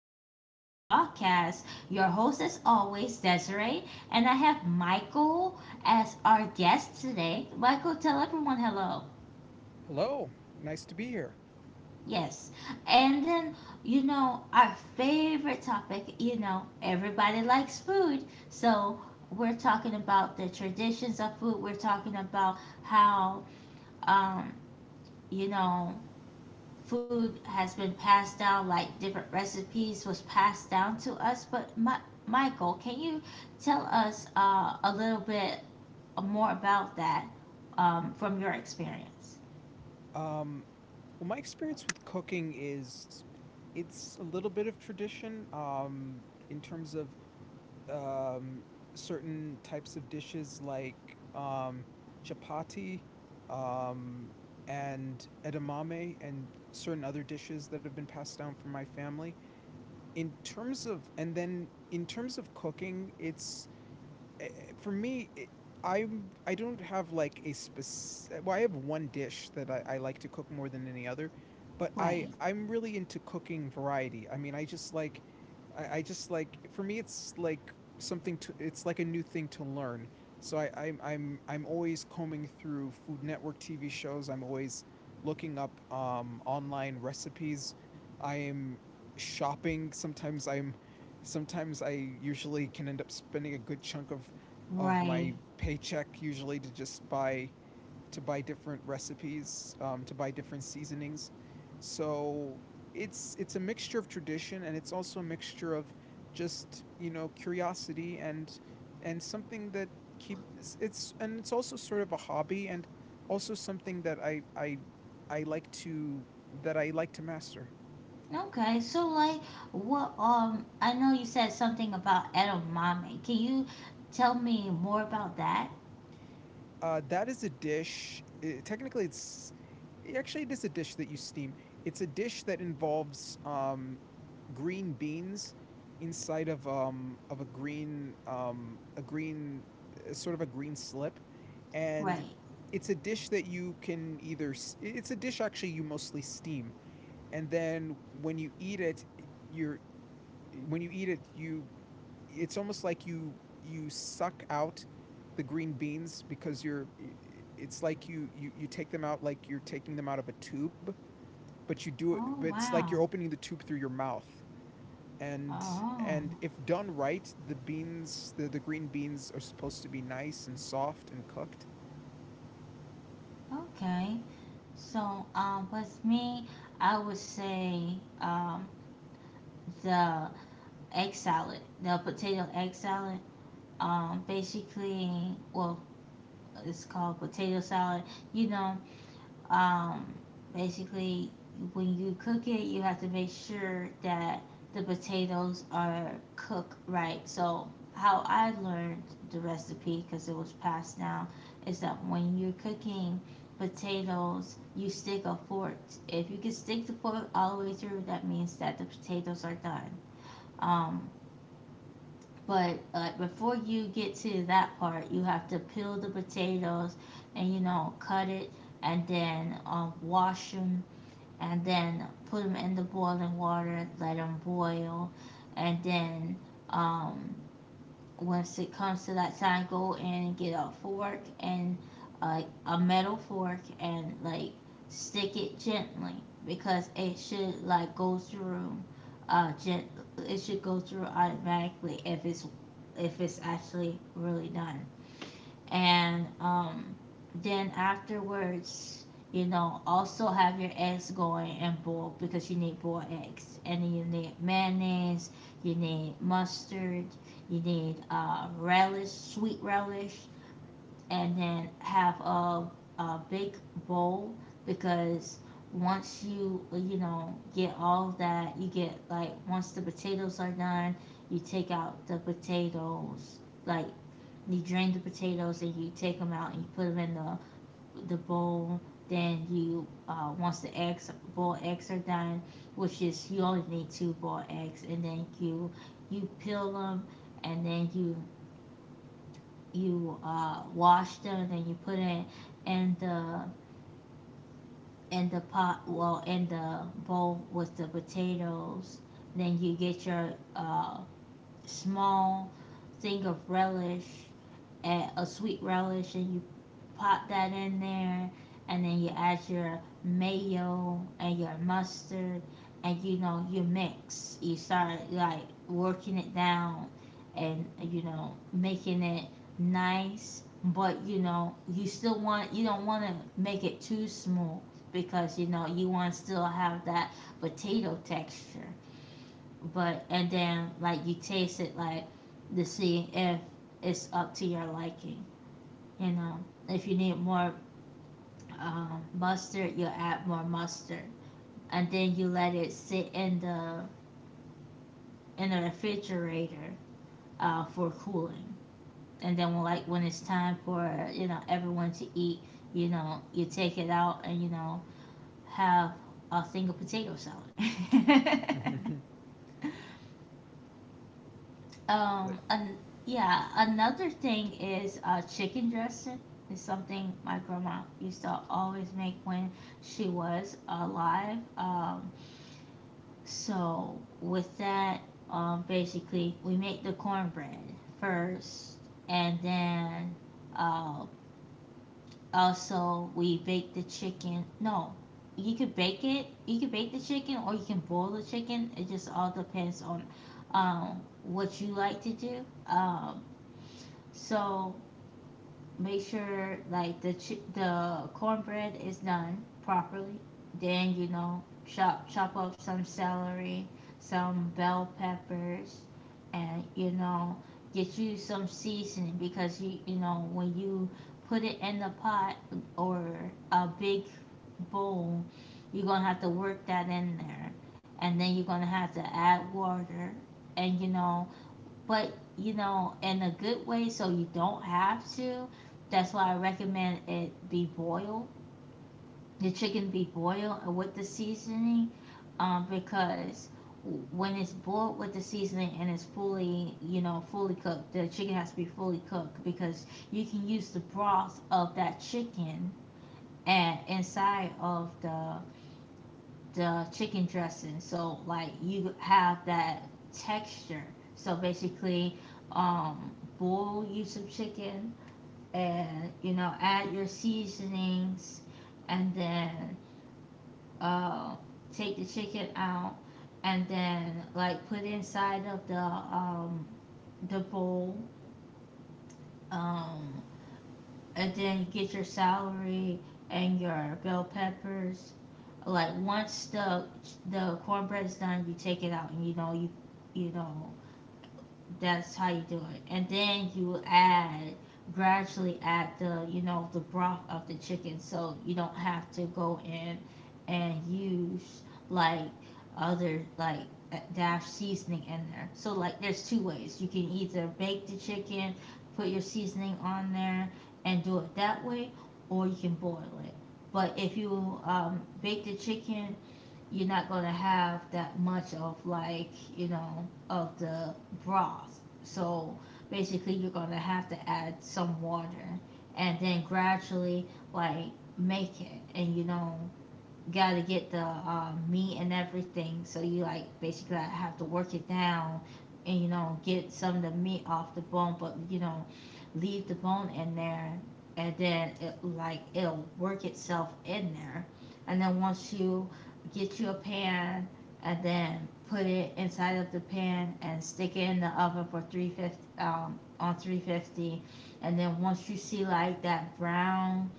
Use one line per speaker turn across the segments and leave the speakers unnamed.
Sunshine's podcast. Your host, as always, Desiree, and I have Michael as our guest today. Michael, tell everyone hello.
Hello, nice to be here.
Yes. And then, our favorite topic, everybody likes food. So we're talking about the traditions of food. We're talking about how, um, you know, food has been passed down, like different recipes was passed down to us. Michael, can you tell us a little bit more about that, from your experience?
Um, well, my experience with cooking is it's a little bit of tradition in terms of um, certain types of dishes like um, chapati, um, and edamame and certain other dishes that have been passed down from my family. In terms of cooking, it's, for me, I don't have like a specific. Well, I have one dish that I like to cook more than any other, but I
Right,
I'm really into cooking variety. I mean, I just like, for me it's like something to it's like a new thing to learn. So I'm always combing through Food Network TV shows. I'm always looking up online recipes. I am shopping. Sometimes I usually can end up spending a good chunk of
right.
my paycheck, usually to just buy to buy different recipes, to buy different seasonings. So it's a mixture of tradition, and it's also a mixture of just, you know, curiosity, and something that keep it's and it's also sort of a hobby, and also something that I like to that I like to master.
Okay, so like what I know you said something about edamame. Can you tell me more about that?
That is a dish. Technically, it is a dish that you steam. It's a dish that involves green beans inside of of a green, sort of a green slip, and
Right.
it's a dish that you can either it's a dish, actually, you mostly steam, and then when you eat it, you're when you eat it, you it's almost like you suck out the green beans, because you're, it's like you take them out like you're taking them out of a tube, but you do it, but
Oh
it's like you're
wow.
opening the tube through your mouth, and
Oh,
and if done right, the green beans are supposed to be nice and soft and cooked.
okay. So, um, with me, I would say, um the egg salad, the potato egg salad. Basically, well, it's called potato salad. You know, um, basically, when you cook it, you have to make sure that the potatoes are cooked right. So, how I learned the recipe, because it was passed down, is that when you're cooking potatoes, you stick a fork. If you can stick the fork all the way through, that means that the potatoes are done. Um, But like before you get to that part, you have to peel the potatoes and you know cut it, and then, wash them, and then put them in the boiling water, let them boil, and then, um, once it comes to that time, go and get a fork and, a metal fork, and like stick it gently because it should like go through, uh gent- it should go through automatically if it's, if it's actually really done. And, then afterwards, you know, also have your eggs going in boil because you need boiled eggs, and then you need mayonnaise, you need mustard, you need, relish, sweet relish, and then have a big bowl because once you you know get all that, you get like once the potatoes are done, you take out the potatoes, like you drain the potatoes and you take them out and you put them in the bowl. Then you, once the eggs boiled eggs are done, which is you only need two boiled eggs, and then you peel them, and then you, wash them, and then you put it in the, in the pot, well in the bowl with the potatoes. Then you get your, small thing of relish, a sweet relish, and you pop that in there, and then you add your mayo and your mustard, and you know you mix. You start like working it down, and you know making it nice. But you know you still want, you don't want to make it too smooth because you know you want to still have that potato texture. But and then like you taste it like to see if it's up to your liking. You know if you need more, mustard, you'll add more mustard, and then you let it sit in the, in the refrigerator, for cooling. And then when, like when it's time for you know everyone to eat, you know you take it out and you know have a single potato salad.
that
And yeah, another thing is, chicken dressing. It's something my grandma used to always make when she was alive. So with that, basically we make the cornbread first, and then, uh, also we bake the chicken. No, you could bake it. You could bake the chicken, or you can boil the chicken. It just all depends on, what you like to do. So make sure like the cornbread is done properly. Then you know chop up some celery, some bell peppers, and you know get you some seasoning because you know when you put it in the pot or a big bowl, you're gonna have to work that in there, and then you're gonna have to add water, and you know, but you know, in a good way, so you don't have to. That's why I recommend it be boiled. The chicken be boiled with the seasoning, because when it's boiled with the seasoning and it's fully, you know, fully cooked, the chicken has to be fully cooked because you can use the broth of that chicken and inside of the chicken dressing, so like you have that texture. So basically, um, boil you some chicken, and you know add your seasonings, and then, uh take the chicken out, and then like put inside of the, um, the bowl, um, and then get your celery and your bell peppers. Like once the cornbread's done, you take it out and you know you, you know, that's how you do it. And then you add, gradually add the, you know, the broth of the chicken so you don't have to go in and use like other like, dash seasoning in there. So like there's two ways. You can either bake the chicken, put your seasoning on there and do it that way, or you can boil it. But if you, bake the chicken, you're not gonna have that much of like, you know, of the broth. So basically, you're gonna have to add some water, and then gradually like make it, and you know gotta get the, meat and everything. So you like basically like have to work it down, and you know get some of the meat off the bone, but you know leave the bone in there, and then it like it'll work itself in there, and then once you get you a pan, and then put it inside of the pan and stick it in the oven for 350, um, on 350 and then once you see like that brown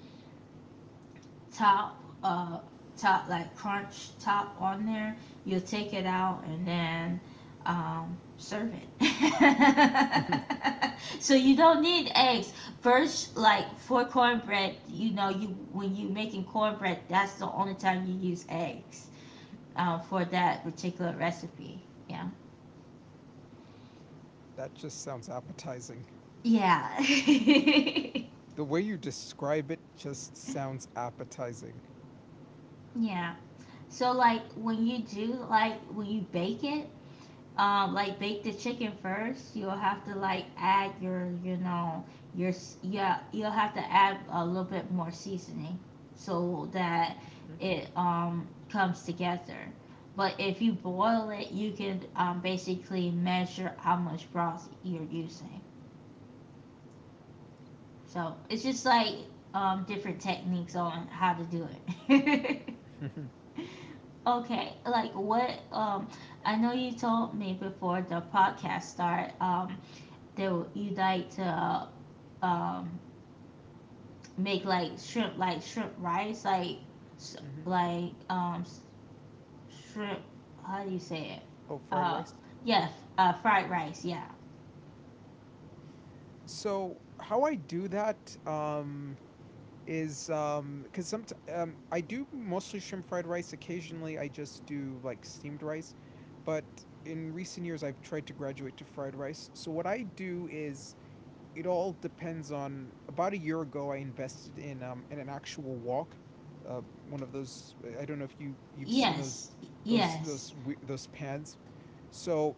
top, top, like crunch top on there, you'll take it out and then, serve it. So you don't need eggs first, like for cornbread you know you, when you making cornbread that's the only time you use eggs, for that particular recipe. Yeah.
that just sounds appetizing.
Yeah.
The way you describe it just sounds appetizing.
Yeah. So like when you do, like when you bake it, um, like bake the chicken first, you'll have to like add your, you know your yeah, you'll have to add a little bit more seasoning so that
Hmm.
it, um, comes together. But if you boil it, you can, um, basically measure how much broth you're using. So it's just like, um, different techniques on how to do it. Okay, like what, I know you told me before the podcast start, um, they would you like to, um, make like shrimp, like shrimp rice, like s-
Hmm.
like, shrimp, how do you say it?
Oh, fried
Uh,
rice.
yeah, fried rice. Yeah.
So how I do that, is, because some I do mostly shrimp fried rice. Occasionally, I just do like steamed rice, but in recent years, I've tried to graduate to fried rice. So what I do is, it all depends on. About a year ago, I invested in, in an actual wok, uh, one of those. I don't know if you've seen those,
Yes, yes.
those pans. So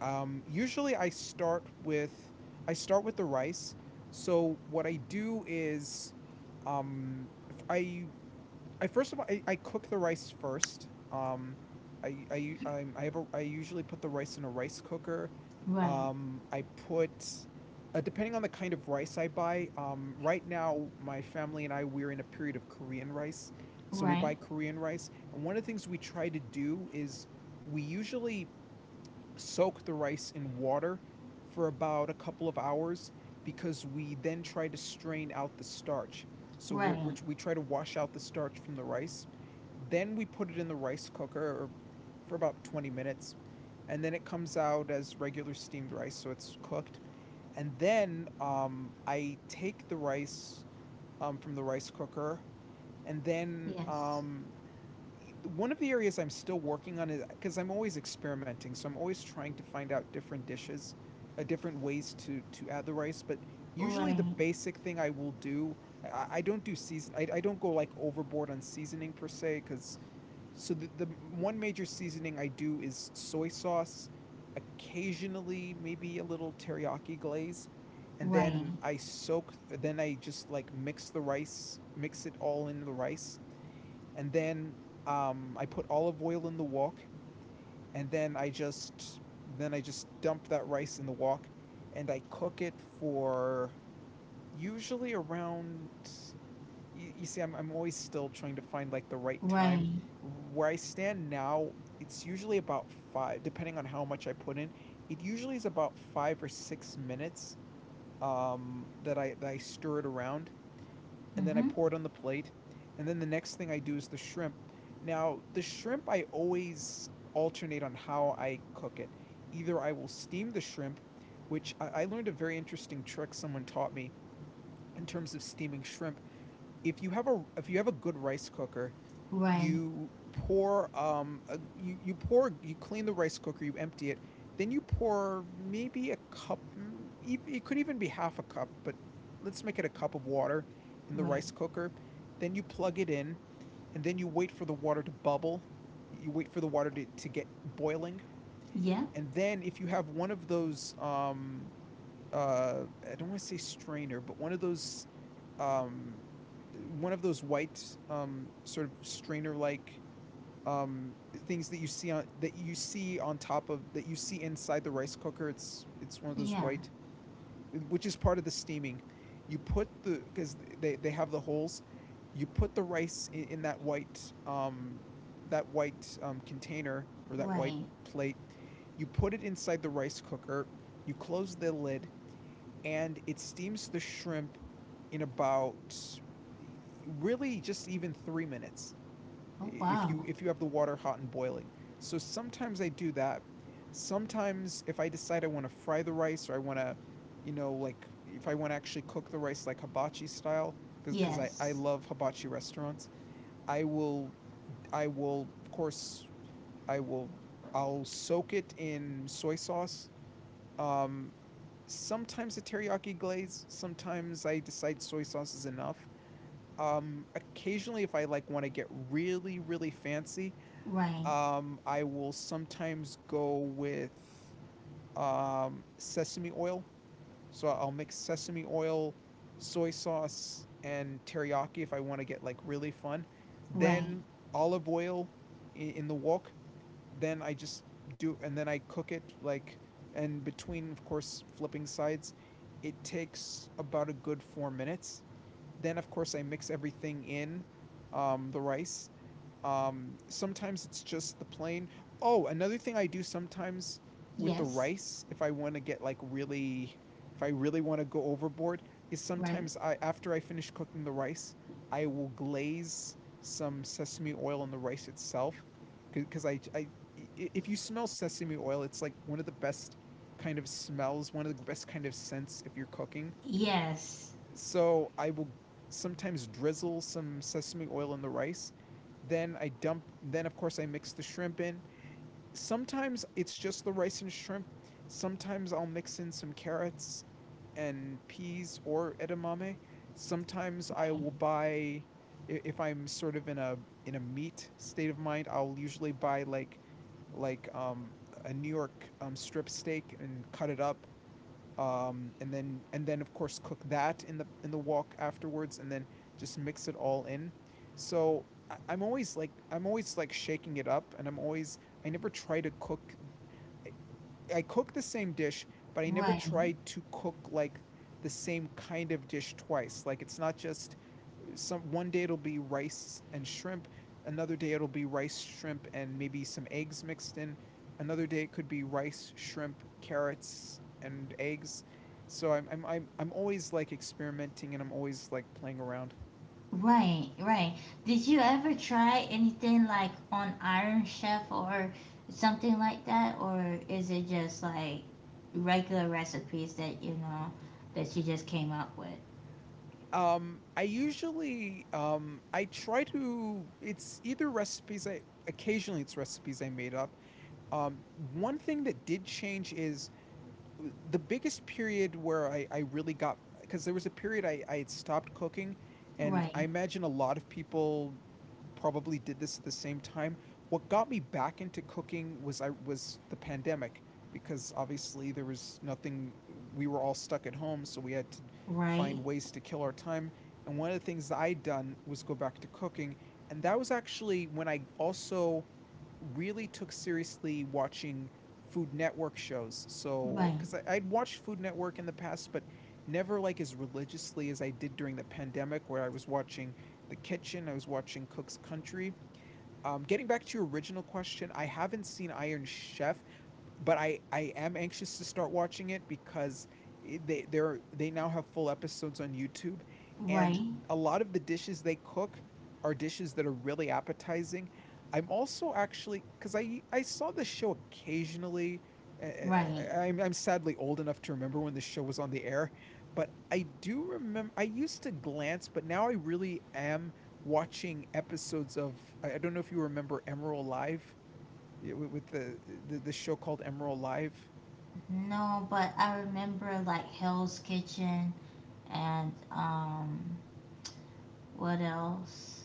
usually I start with the rice. So what I do is, um f- I I cook the rice first. I have a, I usually put the rice in a rice cooker.
Right,
Um, I put, depending on the kind of rice I buy, um, right now my family and I, we're in a period of Korean rice. So we
right,
buy Korean rice, and one of the things we try to do is, we usually soak the rice in water for about a couple of hours, because we then try to strain out the starch. So
right.
we try to wash out the starch from the rice. Then we put it in the rice cooker for about 20 minutes. And then it comes out as regular steamed rice, so it's cooked. And then, I take the rice, from the rice cooker, and then
Yes.
one of the areas I'm still working on is, because I'm always experimenting, so I'm always trying to find out different dishes, different ways to add the rice. But usually, the
Right.
basic thing I will do, I don't do season, I don't go like overboard on seasoning per se, because so the one major seasoning I do is soy sauce, occasionally maybe a little teriyaki glaze, and
Right.
then I soak. then I just like mix the rice, mix it all in the rice, and then, I put olive oil in the wok, and then I just dump that rice in the wok, and I cook it for usually around. You see, I'm always still trying to find like the right time
Right.
where I stand now. It's usually about five, depending on how much I put in. It usually is about five or six minutes, that I stir it around, and then I
Mm-hmm.
pour it on the plate. And then the next thing I do is the shrimp. Now, the shrimp I always alternate on how I cook it. Either I will steam the shrimp, which I learned a very interesting trick someone taught me, in terms of steaming shrimp. If you have a, if you have a good rice cooker,
Right.
you pour you pour, you clean the rice cooker, you empty it, then you pour maybe a cup. It could even be half a cup, but let's make it a cup of water in the
Right.
rice cooker. Then you plug it in, and then you wait for the water to bubble. You wait for the water to get boiling,
Yeah,
and then if you have one of those I don't want to say strainer, but one of those, um, one of those white, sort of strainer like, um, things that you see on that you see on top of that you see inside the rice cooker. It's one of those
yeah.
white, which is part of the steaming. You put the, because they have the holes. You put the rice in that white, that white, container or that white
Right.
plate. You put it inside the rice cooker. You close the lid, and it steams the shrimp in about really just even three minutes,
Oh
if
wow.
you, if you have the water hot and boiling. So sometimes I do that. Sometimes if I decide I want to fry the rice, or I want to, you know, like if I want to actually cook the rice like hibachi style, because I
Yes.
love hibachi restaurants, I will I will of course I will I'll soak it in soy sauce, um, sometimes a teriyaki glaze. Sometimes I decide soy sauce is enough. Occasionally, if I like want to get really, really fancy,
Right,
I will sometimes go with, sesame oil. So I'll mix sesame oil, soy sauce, and teriyaki if I want to get like really fun.
right.
Then olive oil in the wok. Then I just do, and then I cook it like, and between, of course, flipping sides, it takes about a good four minutes. Then, of course, I mix everything in, the rice, sometimes it's just the plain. Oh, another thing I do sometimes with the
Yes.
rice, if I want to get like really, if I really want to go overboard, is
Right.
sometimes I, after I finish cooking the rice, I will glaze some sesame oil in the rice itself, because, i- if you smell sesame oil, it's like one of the best kind of smells, one of the best kind of scents if you're cooking.
Yes.
So I will sometimes drizzle some sesame oil in the rice. Then of course I mix the shrimp in. Sometimes it's just the rice and shrimp. Sometimes I'll mix in some carrots and peas or edamame. Sometimes I
Right,
will buy, if I'm sort of in a, in a meat state of mind, I'll usually buy like, like um a New York, strip steak, and cut it up, and then of course cook that in the, in the wok afterwards, and then just mix it all in. So, I'm always like shaking it up, and I'm always, I never try to cook. I, I cook the same dish, but I never
right,
try to cook like the same kind of dish twice. Like it's not just some one day it'll be rice and shrimp. Another day it'll be rice, shrimp, and maybe some eggs mixed in. Another day it could be rice, shrimp, carrots, and eggs. So I'm always like experimenting, and I'm always like playing around.
right. Right. Did you ever try anything like on Iron Chef or something like that? Or is it just like regular recipes that you know that you just came up with?
I usually, I try to, it's either recipes I occasionally it's recipes I made up. Um, one thing that did change is the biggest period where I really got, because there was a period I had stopped cooking, and
Right,
I imagine a lot of people probably did this at the same time. What got me back into cooking was I was the pandemic, because obviously there was nothing, we were all stuck at home, so we had to find
right,
ways to kill our time. And one of the things that I'd done was go back to cooking, and that was actually when I also really took seriously watching Food Network shows.
right,
Because I'd watched Food Network in the past, but never like as religiously as I did during the pandemic, where I was watching The Kitchen, I was watching Cook's Country. Getting back to your original question, I haven't seen Iron Chef, but I am anxious to start watching it because they now have full episodes on YouTube, and
right,
a lot of the dishes they cook are dishes that are really appetizing. I'm also, actually, because I saw this show occasionally. uh,
right.
I'm sadly old enough to remember when this show was on the air, but I do remember I used to glance, but now I really am watching episodes of, I don't know if you remember Emerald Live, yeah, with the show called Emerald Live.
No, but I remember like Hell's Kitchen and, what else?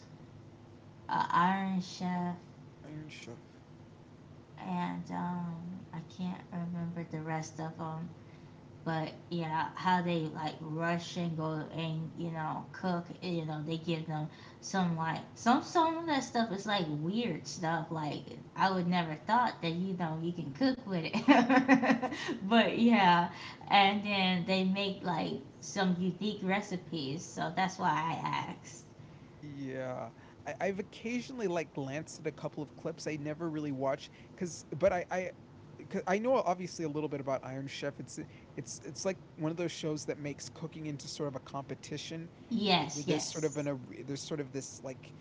Iron Chef,
Iron Chef.
and, I can't remember the rest of them. But yeah, how they like rush and go and you know cook. You know they give them some like, some of that stuff is like weird stuff. Like I would never thought that you know you can cook with it. But yeah, and then they make like some unique recipes. So that's why I asked.
Yeah, I've occasionally like glanced at a couple of clips. I never really watch because, but I. 'Cause I know obviously a little bit about Iron Chef. It's like one of those shows that makes cooking into sort of a competition. I- I-
Yes,
there's sort of an
yes.
ar- there's sort of this like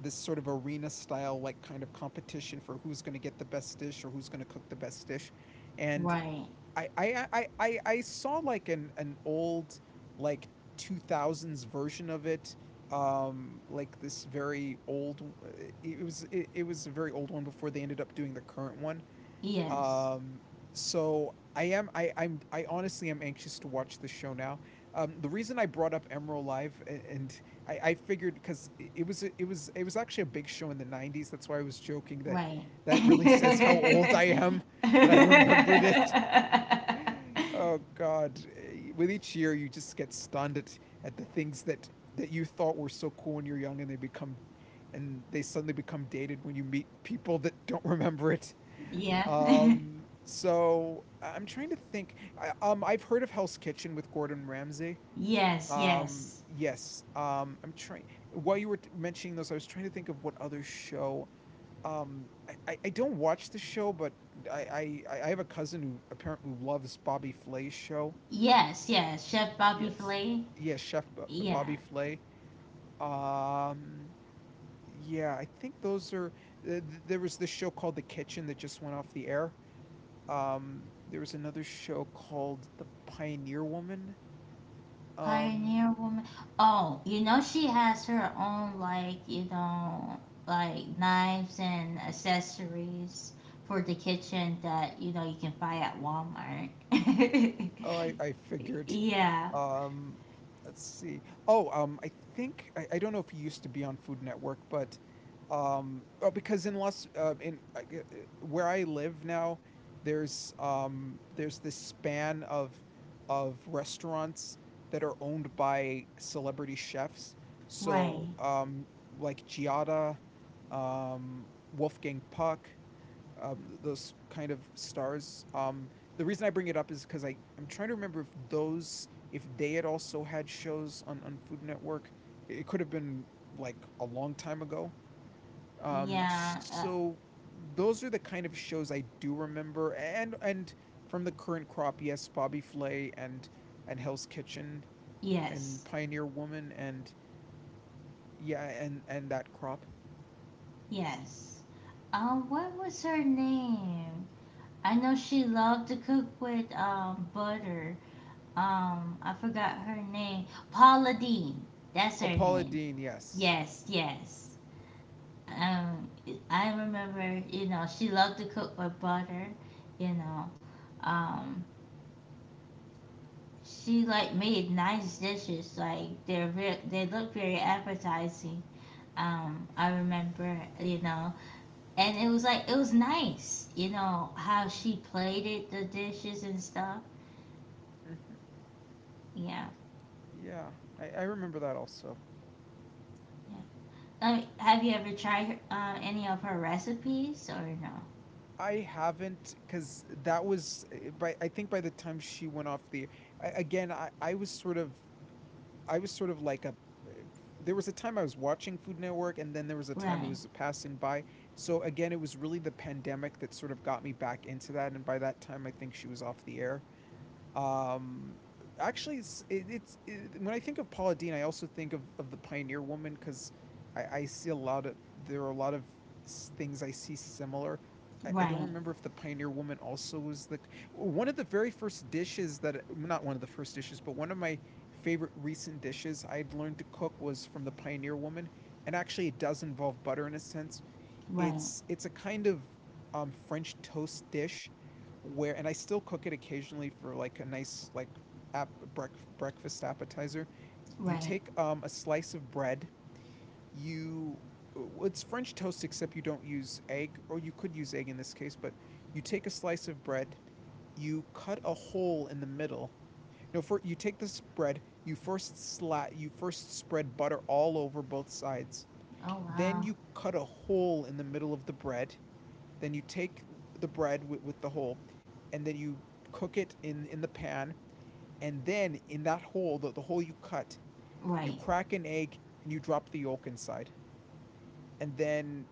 this sort of arena style, like, kind of competition for who's going to get the best dish or who's going to cook the best dish, and
Right.
I saw like an old, like, 2000s version of it, um, like this very old, it was a very old one before they ended up doing the current one.
Yes.
Um, so I am, I I honestly am anxious to watch the show now. Um, the reason I brought up Emerald Live, and I figured because it was actually a big show in the 90s. That's why I was joking that
Right.
that really says how old I am, that I remembered it. Oh god, eh, with each year you just get stunned at the things that that you thought were so cool when you're young, and they suddenly become dated when you meet people that don't remember it.
Yeah.
So I'm trying to think. I've heard of Hell's Kitchen with Gordon Ramsay.
Yes,
Um,
yes.
yes, um, I'm trying, while you were mentioning those, I was trying to think of what other show, um, I don't watch the show, but I have a cousin who apparently loves Bobby Flay's show.
Yes, yes. Chef Bobby
Yes,
Flay.
yes, Chef Bobby
Yeah.
Flay. Um, yeah, I think those are. There was this show called The Kitchen that just went off the air. There was another show called The Pioneer Woman. Um,
Pioneer woman. Oh, you know she has her own like, you know, like knives and accessories for the kitchen that, you know, you can buy at Walmart.
oh, I figured.
Yeah.
Um, let's see. Oh, I think I don't know if he used to be on Food Network, but oh, because in Los, in I g- where I live now, there's this span of restaurants that are owned by celebrity chefs.
Right.
So, like Giada, um, Wolfgang Puck, um, those kind of stars. Um, the reason I bring it up is because I'm trying to remember if those, if they had also had shows on Food Network. It could have been like a long time ago. Um,
Yeah,
so those are the kind of shows I do remember, and from the current crop, yes, Bobby Flay and Hell's Kitchen and
yes.
Pioneer Woman and yeah, and that crop.
Yes. What was her name? I know she loved to cook with, um, butter. Um, I forgot her name. Paula Dean. That's
Oh,
her
Paula
name.
Dean, yes.
Yes, yes. Um, I remember, you know, she loved to cook with butter, you know. Um, she like made nice dishes, like they're they look very appetizing. Um, I remember, you know, and it was like it was nice, you know, how she plated the dishes and stuff.
Hmm.
Yeah.
Yeah, I remember that also.
Yeah. Have you ever tried, any of her recipes or no?
I haven't, because that was, by I think by the time she went off the, again, I was sort of, I was sort of like a, there was a time I was watching Food Network and then there was a time it
Right,
was passing by. So again, it was really the pandemic that sort of got me back into that, and by that time I think she was off the air. Um, actually, when I think of Paula Dean, I also think of the Pioneer Woman, because I see a lot of, there are a lot of things I see similar. I don't
right,
remember if the Pioneer Woman also was the one of the very first dishes that not one of the first dishes, but one of my favorite recent dishes I'd learned to cook was from the Pioneer Woman, and actually it does involve butter in a sense.
right,
It's a kind of, um, French toast dish where, and I still cook it occasionally for like a nice like app brec- breakfast appetizer. You
right.
take a slice of bread, you, it's French toast, except you don't use egg, or you could use egg in this case, but you take a slice of bread, you cut a hole in the middle. No, for you take this bread, you first spread butter all over both sides.
Oh
Then
wow.
you cut a hole in the middle of the bread. Then you take the bread with the hole, and then you cook it in the pan. And then in that hole, the hole you cut, you
Right,
crack an egg and you drop the yolk inside. And then,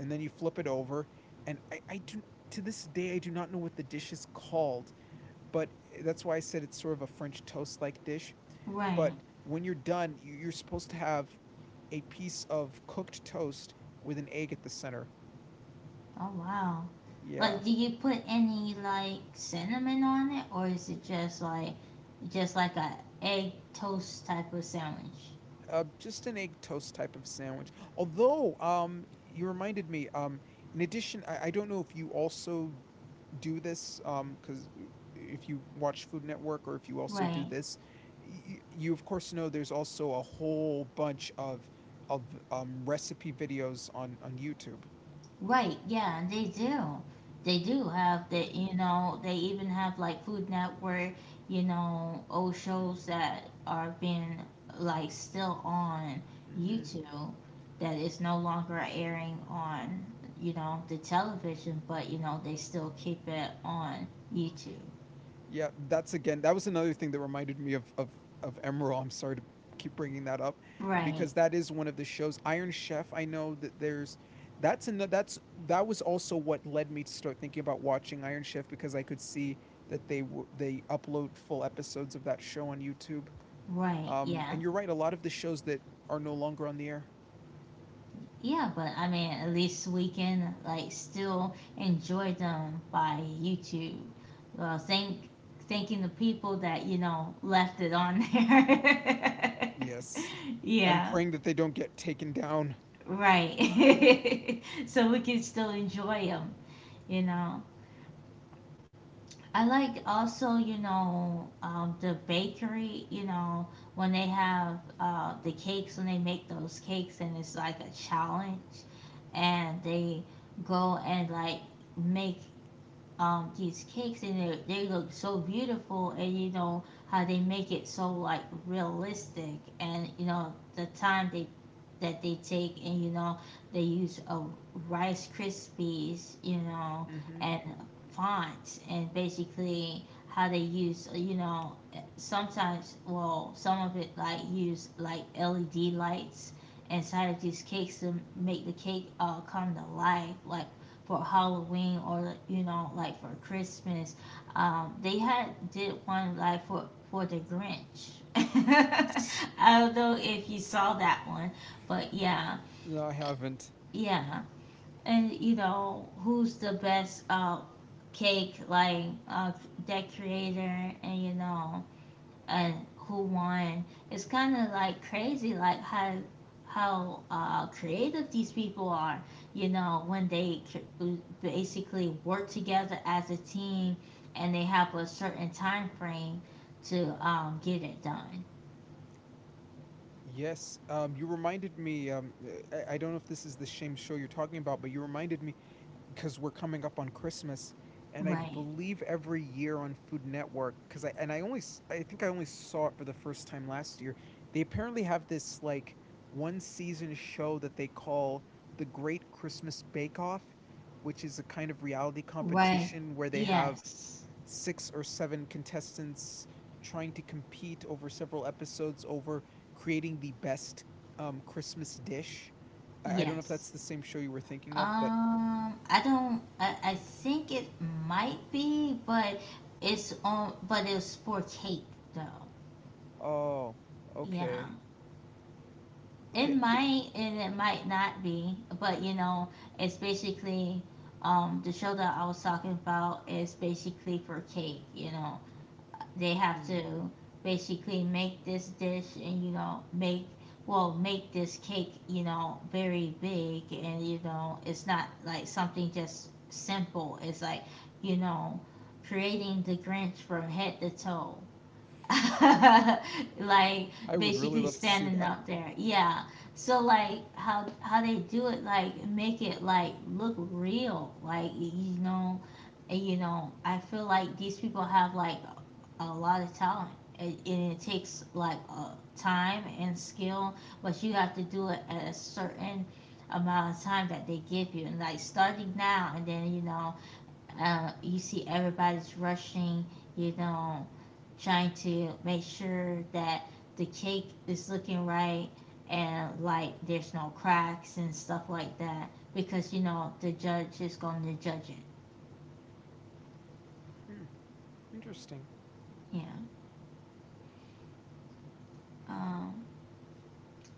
and then you flip it over. And I do, to this day I do not know what the dish is called, but that's why I said it's sort of a French toast like dish.
right.
But when you're done, you're supposed to have a piece of cooked toast with an egg at the center.
Oh wow.
Yeah.
Like, do you put any like cinnamon on it, or is it just like a egg toast type of sandwich?
Uh, just an egg toast type of sandwich. Although, you reminded me, in addition, I don't know if you also do this, because if you watch Food Network, or if you also do
Right.
this, you of course know there's also a whole bunch of recipe videos on YouTube.
Right, yeah, they do. They do have the,
Hmm.
you know, they even have like Food Network, you know, old shows that are being like still on
Hmm.
YouTube, that is no longer airing on, you know, the television, but you know, they still keep it on YouTube.
Yeah, that's again, that was another thing that reminded me of Emerald. I'm sorry to keep bringing that up,
Right,
because that is one of the shows. Iron Chef. I know that there's that's another that's that was also what led me to start thinking about watching Iron Chef, because I could see that they upload full episodes of that show on YouTube.
right, yeah.
And you're right. A lot of the shows that are no longer on the air.
Yeah, but I mean, at least we can like still enjoy them by YouTube. Well, thanking the people that you know left it on there.
Yes, and
Yeah,
praying that they don't get taken down.
right. So we can still enjoy them, you know. I like also, the bakery, when they have the cakes, when they make those cakes and it's like a challenge and they go and like make these cakes and they look so beautiful and you know how they make it so like realistic and you know the time they that they take and you know they use a rice krispies you know
Hmm.
and fonts and basically how they use you know sometimes well some of it like use like led lights inside of these cakes to make the cake come to life like for halloween or you know like for christmas. They had did one like for the grinch. I don't know if you saw that one, but yeah,
No, I haven't.
yeah. And you know, who's the best cake like that creator and you know and who won. It's kinda like crazy like how creative these people are, you know, when they basically work together as a team and they have a certain time frame to get it done.
Yes, you reminded me. I don't know if this is the same show you're talking about, but you reminded me because we're coming up on Christmas, and I
Right.
believe every year on Food Network, because I and I only I think I only saw it for the first time last year. They apparently have this like one season show that they call the Great Christmas Bake Off, which is a kind of reality
Right.
competition where they have
Yes.
six or seven contestants trying to compete over several episodes over creating the best, Christmas dish. I don't know if that's
Yes.
the same show you were thinking of, but
I don't. I think it might be, but it's on. But it's for cake, though.
oh,
Yeah,
okay,
it
okay.
might and it might not be. But you know, it's basically the show that I was talking about is basically for cake. You know, they have
Mm.
to basically make this dish and you know make well make this cake you know very big and you know it's not like something just simple it's like you know creating the grinch from head to toe. Like
I would really
basically
love to see
standing
that.
up there yeah so like how they do it like make it like look real like you know and you know I feel like these people have like a lot of talent. It, and it takes like time and skill, but you have to do it at a certain amount of time that they give you. And like starting now, and then you know, you see everybody's rushing, you know, trying to make sure that the cake is looking right and like there's no cracks and stuff like that because you know the judge is going to judge it.
Hmm, interesting.
Yeah.
Hmm.
Um,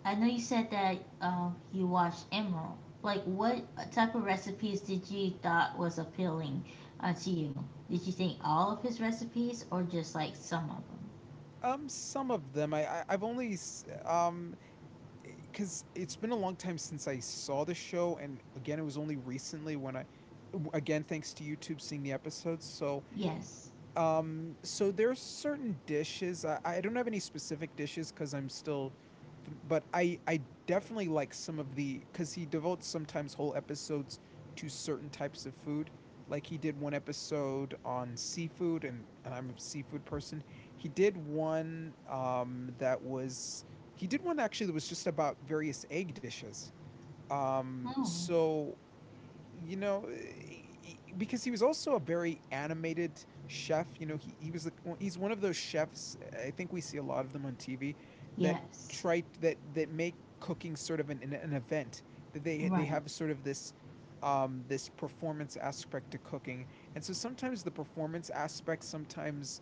I know you said that you watched Emerald. Like, what type of recipes did you thought was appealing to you? Did you think all of his recipes or just like some of them?
Some of them, I've only because it's been a long time since I saw the show, and again, it was only recently when again, thanks to YouTube, seeing the episodes. So,
Yes.
um, so there's certain dishes. I don't have any specific dishes because I'm still, but I definitely like some of the, because he devotes sometimes whole episodes to certain types of food. Like he did one episode on seafood, and I'm a seafood person. He did one actually that was just about various egg dishes.
Oh.
So you know, because he was also a very animated chef. You know, he was the, well, he's one of those chefs. I think we see a lot of them on TV that
Yes.
try that that make cooking sort of an event. That they
Right.
have sort of this, um, this performance aspect to cooking, and so sometimes the performance aspect sometimes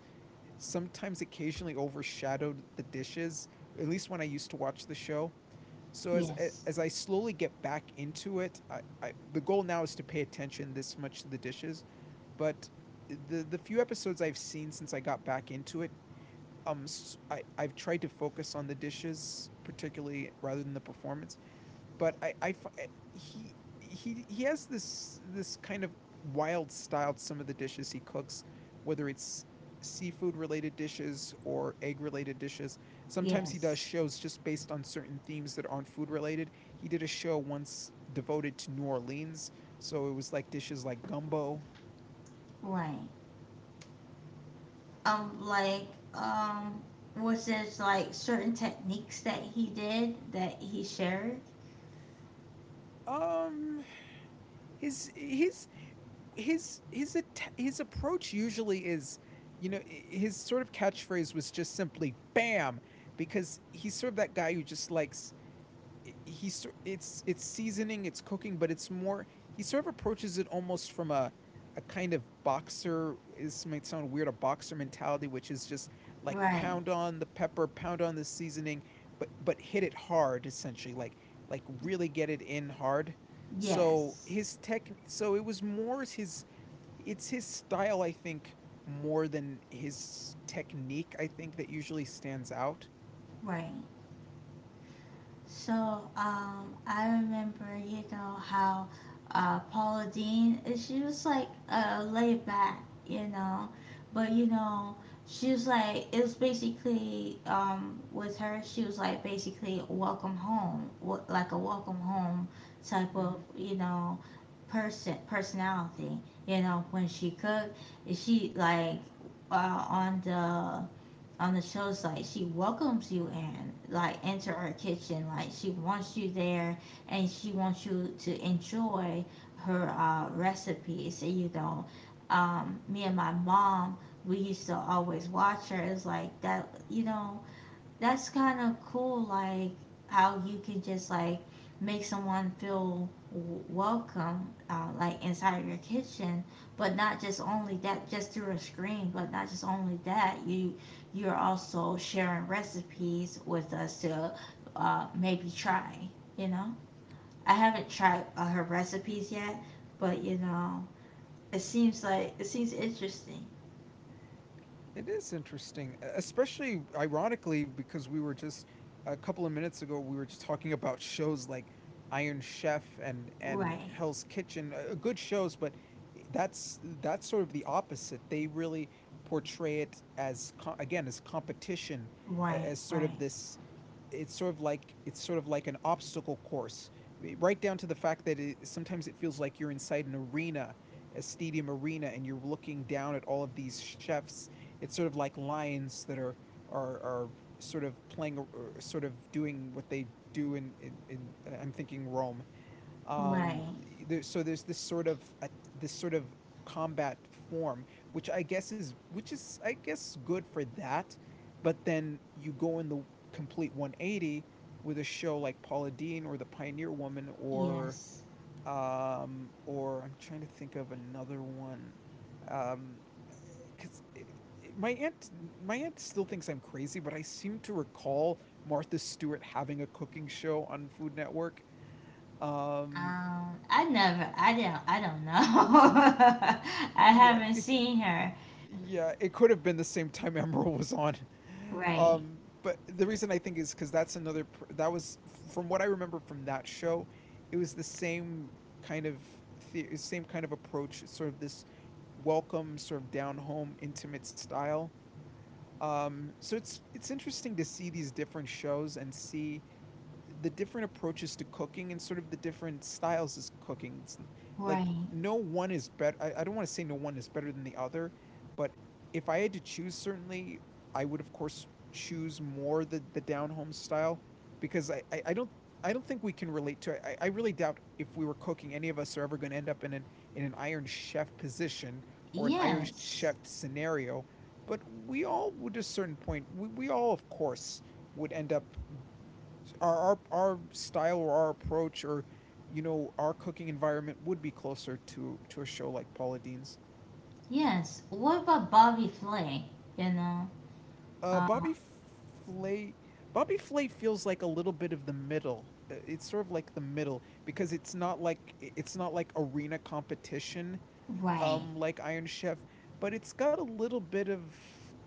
sometimes occasionally overshadowed the dishes, at least when I used to watch the show. So
Yes.
as I slowly get back into it, I, the goal now is to pay attention this much to the dishes. But the few episodes I've seen since I got back into it, um, I've tried to focus on the dishes particularly rather than the performance but he has this kind of wild style to some of the dishes he cooks, whether it's seafood related dishes or egg related dishes. Sometimes he does
Yes.
shows just based on certain themes that aren't food related. He did a show once devoted to New Orleans, so it was like dishes like gumbo.
Right. Like, um, was there like certain techniques that he did that he shared?
Um his his his his approach usually is, you know, his sort of catchphrase was just simply "bam," because he's sort of that guy who just likes he's It's seasoning, it's cooking, but it's more he sort of approaches it almost from a kind of boxer this might sound weird a boxer mentality, which is just like
Right.
pound on the pepper, pound on the seasoning, but hit it hard essentially, like really get it in hard. So
Yes.
his tech so it was more his, it's his style I think, more than his technique I think, that usually stands out.
Right. So I remember, you know, how Paula Dean, she was like laid back, you know, but you know, she was like, it was basically with her, she was like basically welcome home, like a welcome home type
Mm-hmm.
of, you know, personality. You know, when she cooked, she like uh, on the on the shows like she welcomes you and like enter her kitchen like she wants you there and she wants you to enjoy her recipes and you know me and my mom we used to always watch her it's like that you know that's kind of cool like how you could just like make someone feel welcome like inside of your kitchen but not just only that just through a screen but not just only that you you're also sharing recipes with us to maybe try you know I haven't tried her recipes yet but you know it seems like it seems interesting.
It is interesting, especially ironically because we were just — a couple of minutes ago we were just talking about shows like Iron Chef and
Right,
Hell's Kitchen, good shows, but that's sort of the opposite. They really portray it as again as competition,
right,
as sort of
right,
this — it's sort of like an obstacle course, right down to the fact that, it, sometimes it feels like you're inside an arena, a stadium arena, and you're looking down at all of these chefs. It's sort of like lions that are sort of playing or sort of doing what they do in I'm thinking Rome.
right.
So there's this sort of a, this sort of combat form, which I guess is — which is I guess good for that. But then you go in the complete 180 with a show like Paula Deen or The Pioneer Woman,
Yes.
or I'm trying to think of another one. um because my aunt, my aunt still thinks I'm crazy, but I seem to recall Martha Stewart having a cooking show on Food Network. um
I never, I don't know. I
yeah,
haven't seen her.
yeah, it could have been the same time Emerald was on.
Right,
But the reason I think is because that's another that was — from what I remember from that show, it was the same kind of same kind of approach, sort of this welcome, sort of down home, intimate style. So it's interesting to see these different shows and see the different approaches to cooking and sort of the different styles of cooking. It's like
right.
no one is better. I don't want to say no one is better than the other, but if I had to choose, certainly I would of course choose more the down home style because I don't — I don't think we can relate to it. I really doubt if we were cooking any of us are ever going to end up in an iron chef position or an iron
Yes,
chef scenario. But we all would at a certain point, we all of course would end up — our style or our approach or, you know, our cooking environment would be closer to a show like Paula Deen's.
yes. What about Bobby Flay? You know? Um,
Bobby Flay. Bobby Flay feels like a little bit of the middle. It's sort of like the middle because it's not like arena competition,
right,
like Iron Chef, but it's got a little bit of —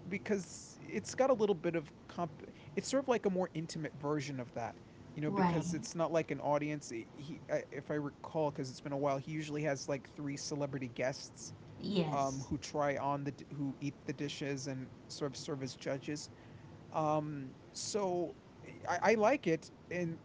because it's got a little bit of comp. It's sort of like a more intimate version of that, you know,
right.
because it's not like an audience. He if I recall, because it's been a while, he usually has like three celebrity guests,
Yes,
who try on who eat the dishes and sort of serve as judges. So I like it,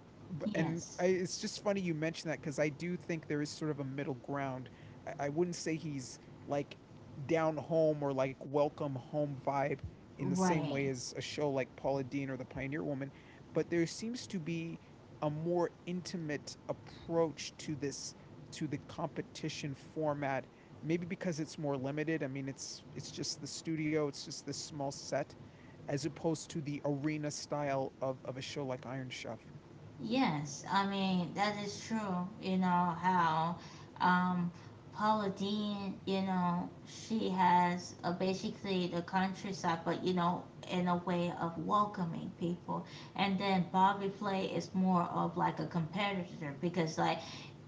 and
yes.
it's just funny you mention that because I do think there is sort of a middle ground. I wouldn't say he's like down home or like welcome home vibe in the same
Right.
way as a show like Paula Deen or The Pioneer Woman, but there seems to be a more intimate approach to this — to the competition format, maybe because it's more limited. I mean, it's just the studio, it's just this small set, as opposed to the arena style of a show like Iron Chef.
Yes, I mean that is true. You know how um, Paula Dean, you know, she has basically the countryside, but you know, in a way of welcoming people. And then Bobby Flay is more of like a competitor because like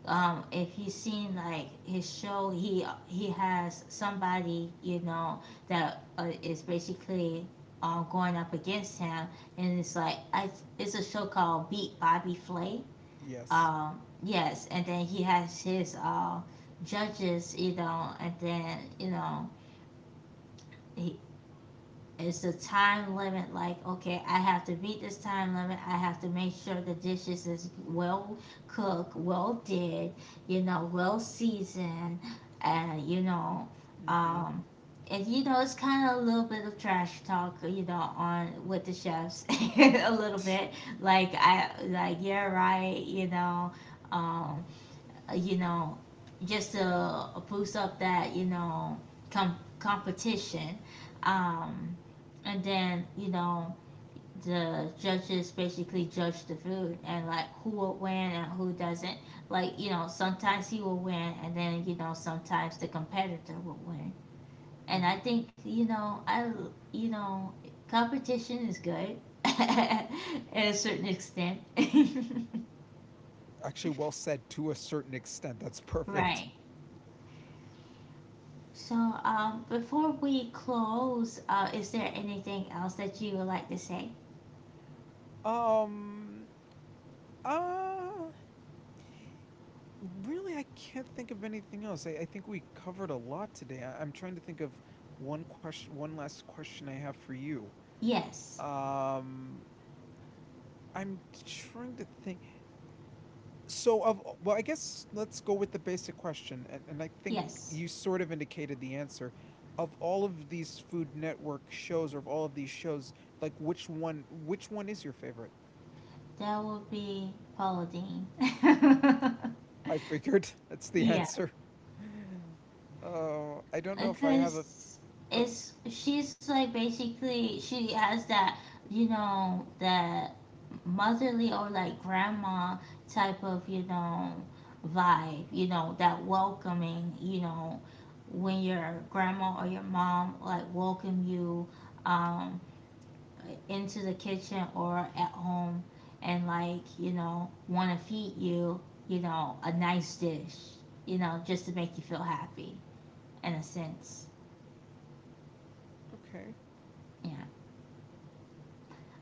if you've seen like his show, he has somebody you know that is basically going up against him, and it's like I, it's a show called Beat Bobby Flay.
Yes.
Yes, and then he has his judges, you know, and then you know he, it's a time limit. Like, okay, I have to meet this time limit. I have to make sure the dishes is well cooked, well did, you know, well seasoned, and you know,
Mm-hmm.
um, and you know, it's kind of a little bit of trash talk, you know, on with the chefs, a little bit. Like I, like you're right, um, you know, just to boost up that, you know, competition. Um, and then, you know, the judges basically judge the food and like who will win and who doesn't. Like, you know, sometimes he will win and then, you know, sometimes the competitor will win. And
Mm-hmm.
I think, you know, I, you know, competition is good at a certain extent.
Actually, well said — to a certain extent. That's perfect.
Right. So, before we close, is there anything else that you would like to say?
Um. Uh. Really, I can't think of anything else. I think we covered a lot today. I'm trying to think of one question. One last question I have for you.
Yes,
Um. I'm trying to think. So of well, I guess let's go with the basic question, and I think
yes,
you sort of indicated the answer. Of all of these Food Network shows, or of all of these shows, like which one is your favorite?
that would be Pauline.
I figured that's the
Yeah,
answer. Oh, I don't know if I have a.
because
Oh,
it's she's like basically she has that you know that motherly or like grandma type of you know vibe, you know that welcoming, you know when your grandma or your mom like welcome you um into the kitchen or at home and like you know want to feed you you know a nice dish you know just to make you feel happy in a sense.
okay.
Yeah,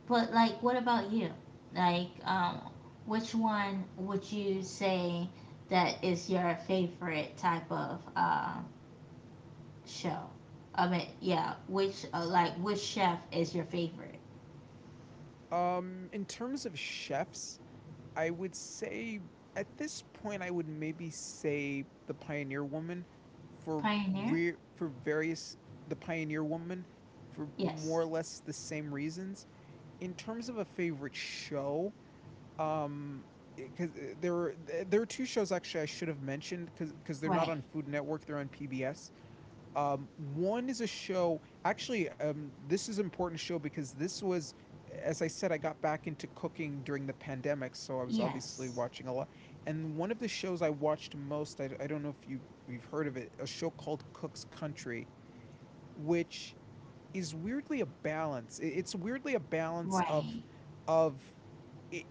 but like what about you like which one would you say that is your favorite type of show. I mean yeah which like which chef is your favorite?
In terms of chefs, I would say at this point I would maybe say the Pioneer Woman for
Pioneer.
for various — the Pioneer Woman for more or
Yes.
less the same reasons. In terms of a favorite show, um because there were there are two shows actually I should have mentioned because they're not
Right.
on Food Network, they're on PBS. One is a show. Actually, this is an important show because this was, as I said, I got back into cooking during the pandemic, so I was obviously
Yes.
watching a lot. And one of the shows I watched most, I don't know if you've heard of it, a show called Cook's Country, which is weirdly a balance. It's weirdly a balance of
Right.
of it,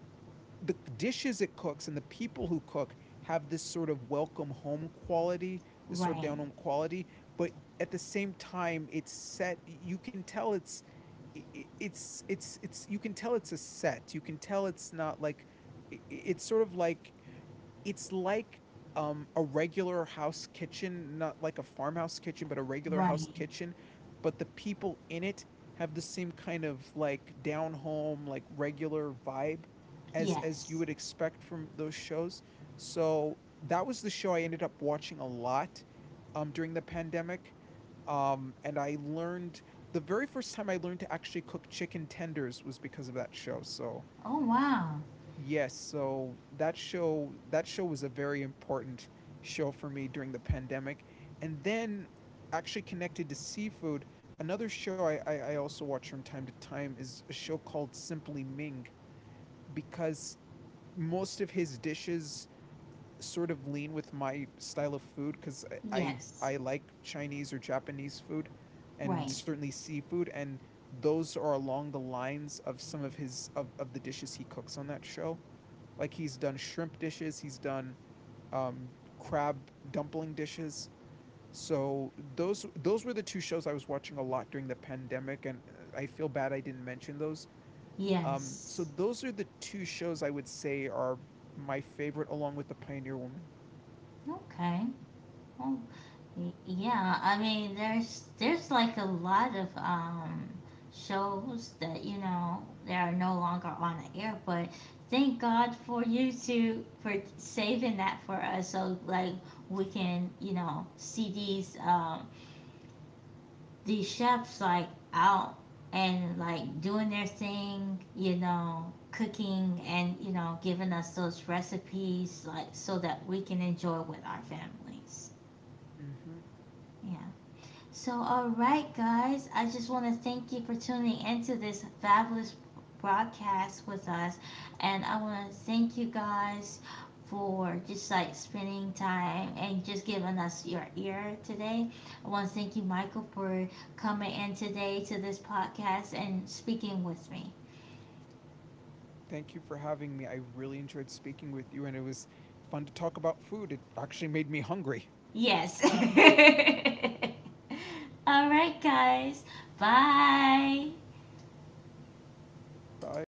the dishes it cooks and the people who cook have this sort of welcome home quality, this sort of
Right.
down home quality, but at the same time it's set — you can tell it's you can tell it's a set. You can tell it's not like — it's sort of like it's like a regular house kitchen, not like a farmhouse kitchen, but a regular house
Right.
kitchen, but the people in it have the same kind of like down home, like regular vibe as you
Yes.
would expect from those shows. So that was the show I ended up watching a lot during the pandemic. And I learned — the very first time I learned to actually cook chicken tenders was because of that show. So
Oh wow.
yes, so that show — that show was a very important show for me during the pandemic. And then actually, connected to seafood, another show I also watch from time to time is a show called Simply Ming, because most of his dishes sort of lean with my style of food, because
Yes.
I like Chinese or Japanese food and
Right.
certainly seafood, and those are along the lines of some of his of the dishes he cooks on that show. Like he's done shrimp dishes, he's done um, crab dumpling dishes. So those — those were the two shows I was watching a lot during the pandemic, and I feel bad I didn't mention those. So
Yes.
those are the two shows I would say are my favorite, along with the Pioneer Woman.
Okay. Well, yeah. I mean, there's like a lot of shows that you know they are no longer on the air, but thank God for you to for saving that for us, so like we can you know see these chefs like out and like doing their thing, you know, cooking and you know, giving us those recipes like so that we can enjoy with our families.
Mm-hmm.
Yeah. So, all right, guys, I just want to thank you for tuning into this fabulous broadcast with us. And I want to thank you guys for just like spending time and just giving us your ear today. I want to thank you, Michael, for coming in today to this podcast and speaking with me.
Thank you for having me. I really enjoyed speaking with you, and it was fun to talk about food. It actually made me hungry.
Yes. All right, guys. Bye.
Bye.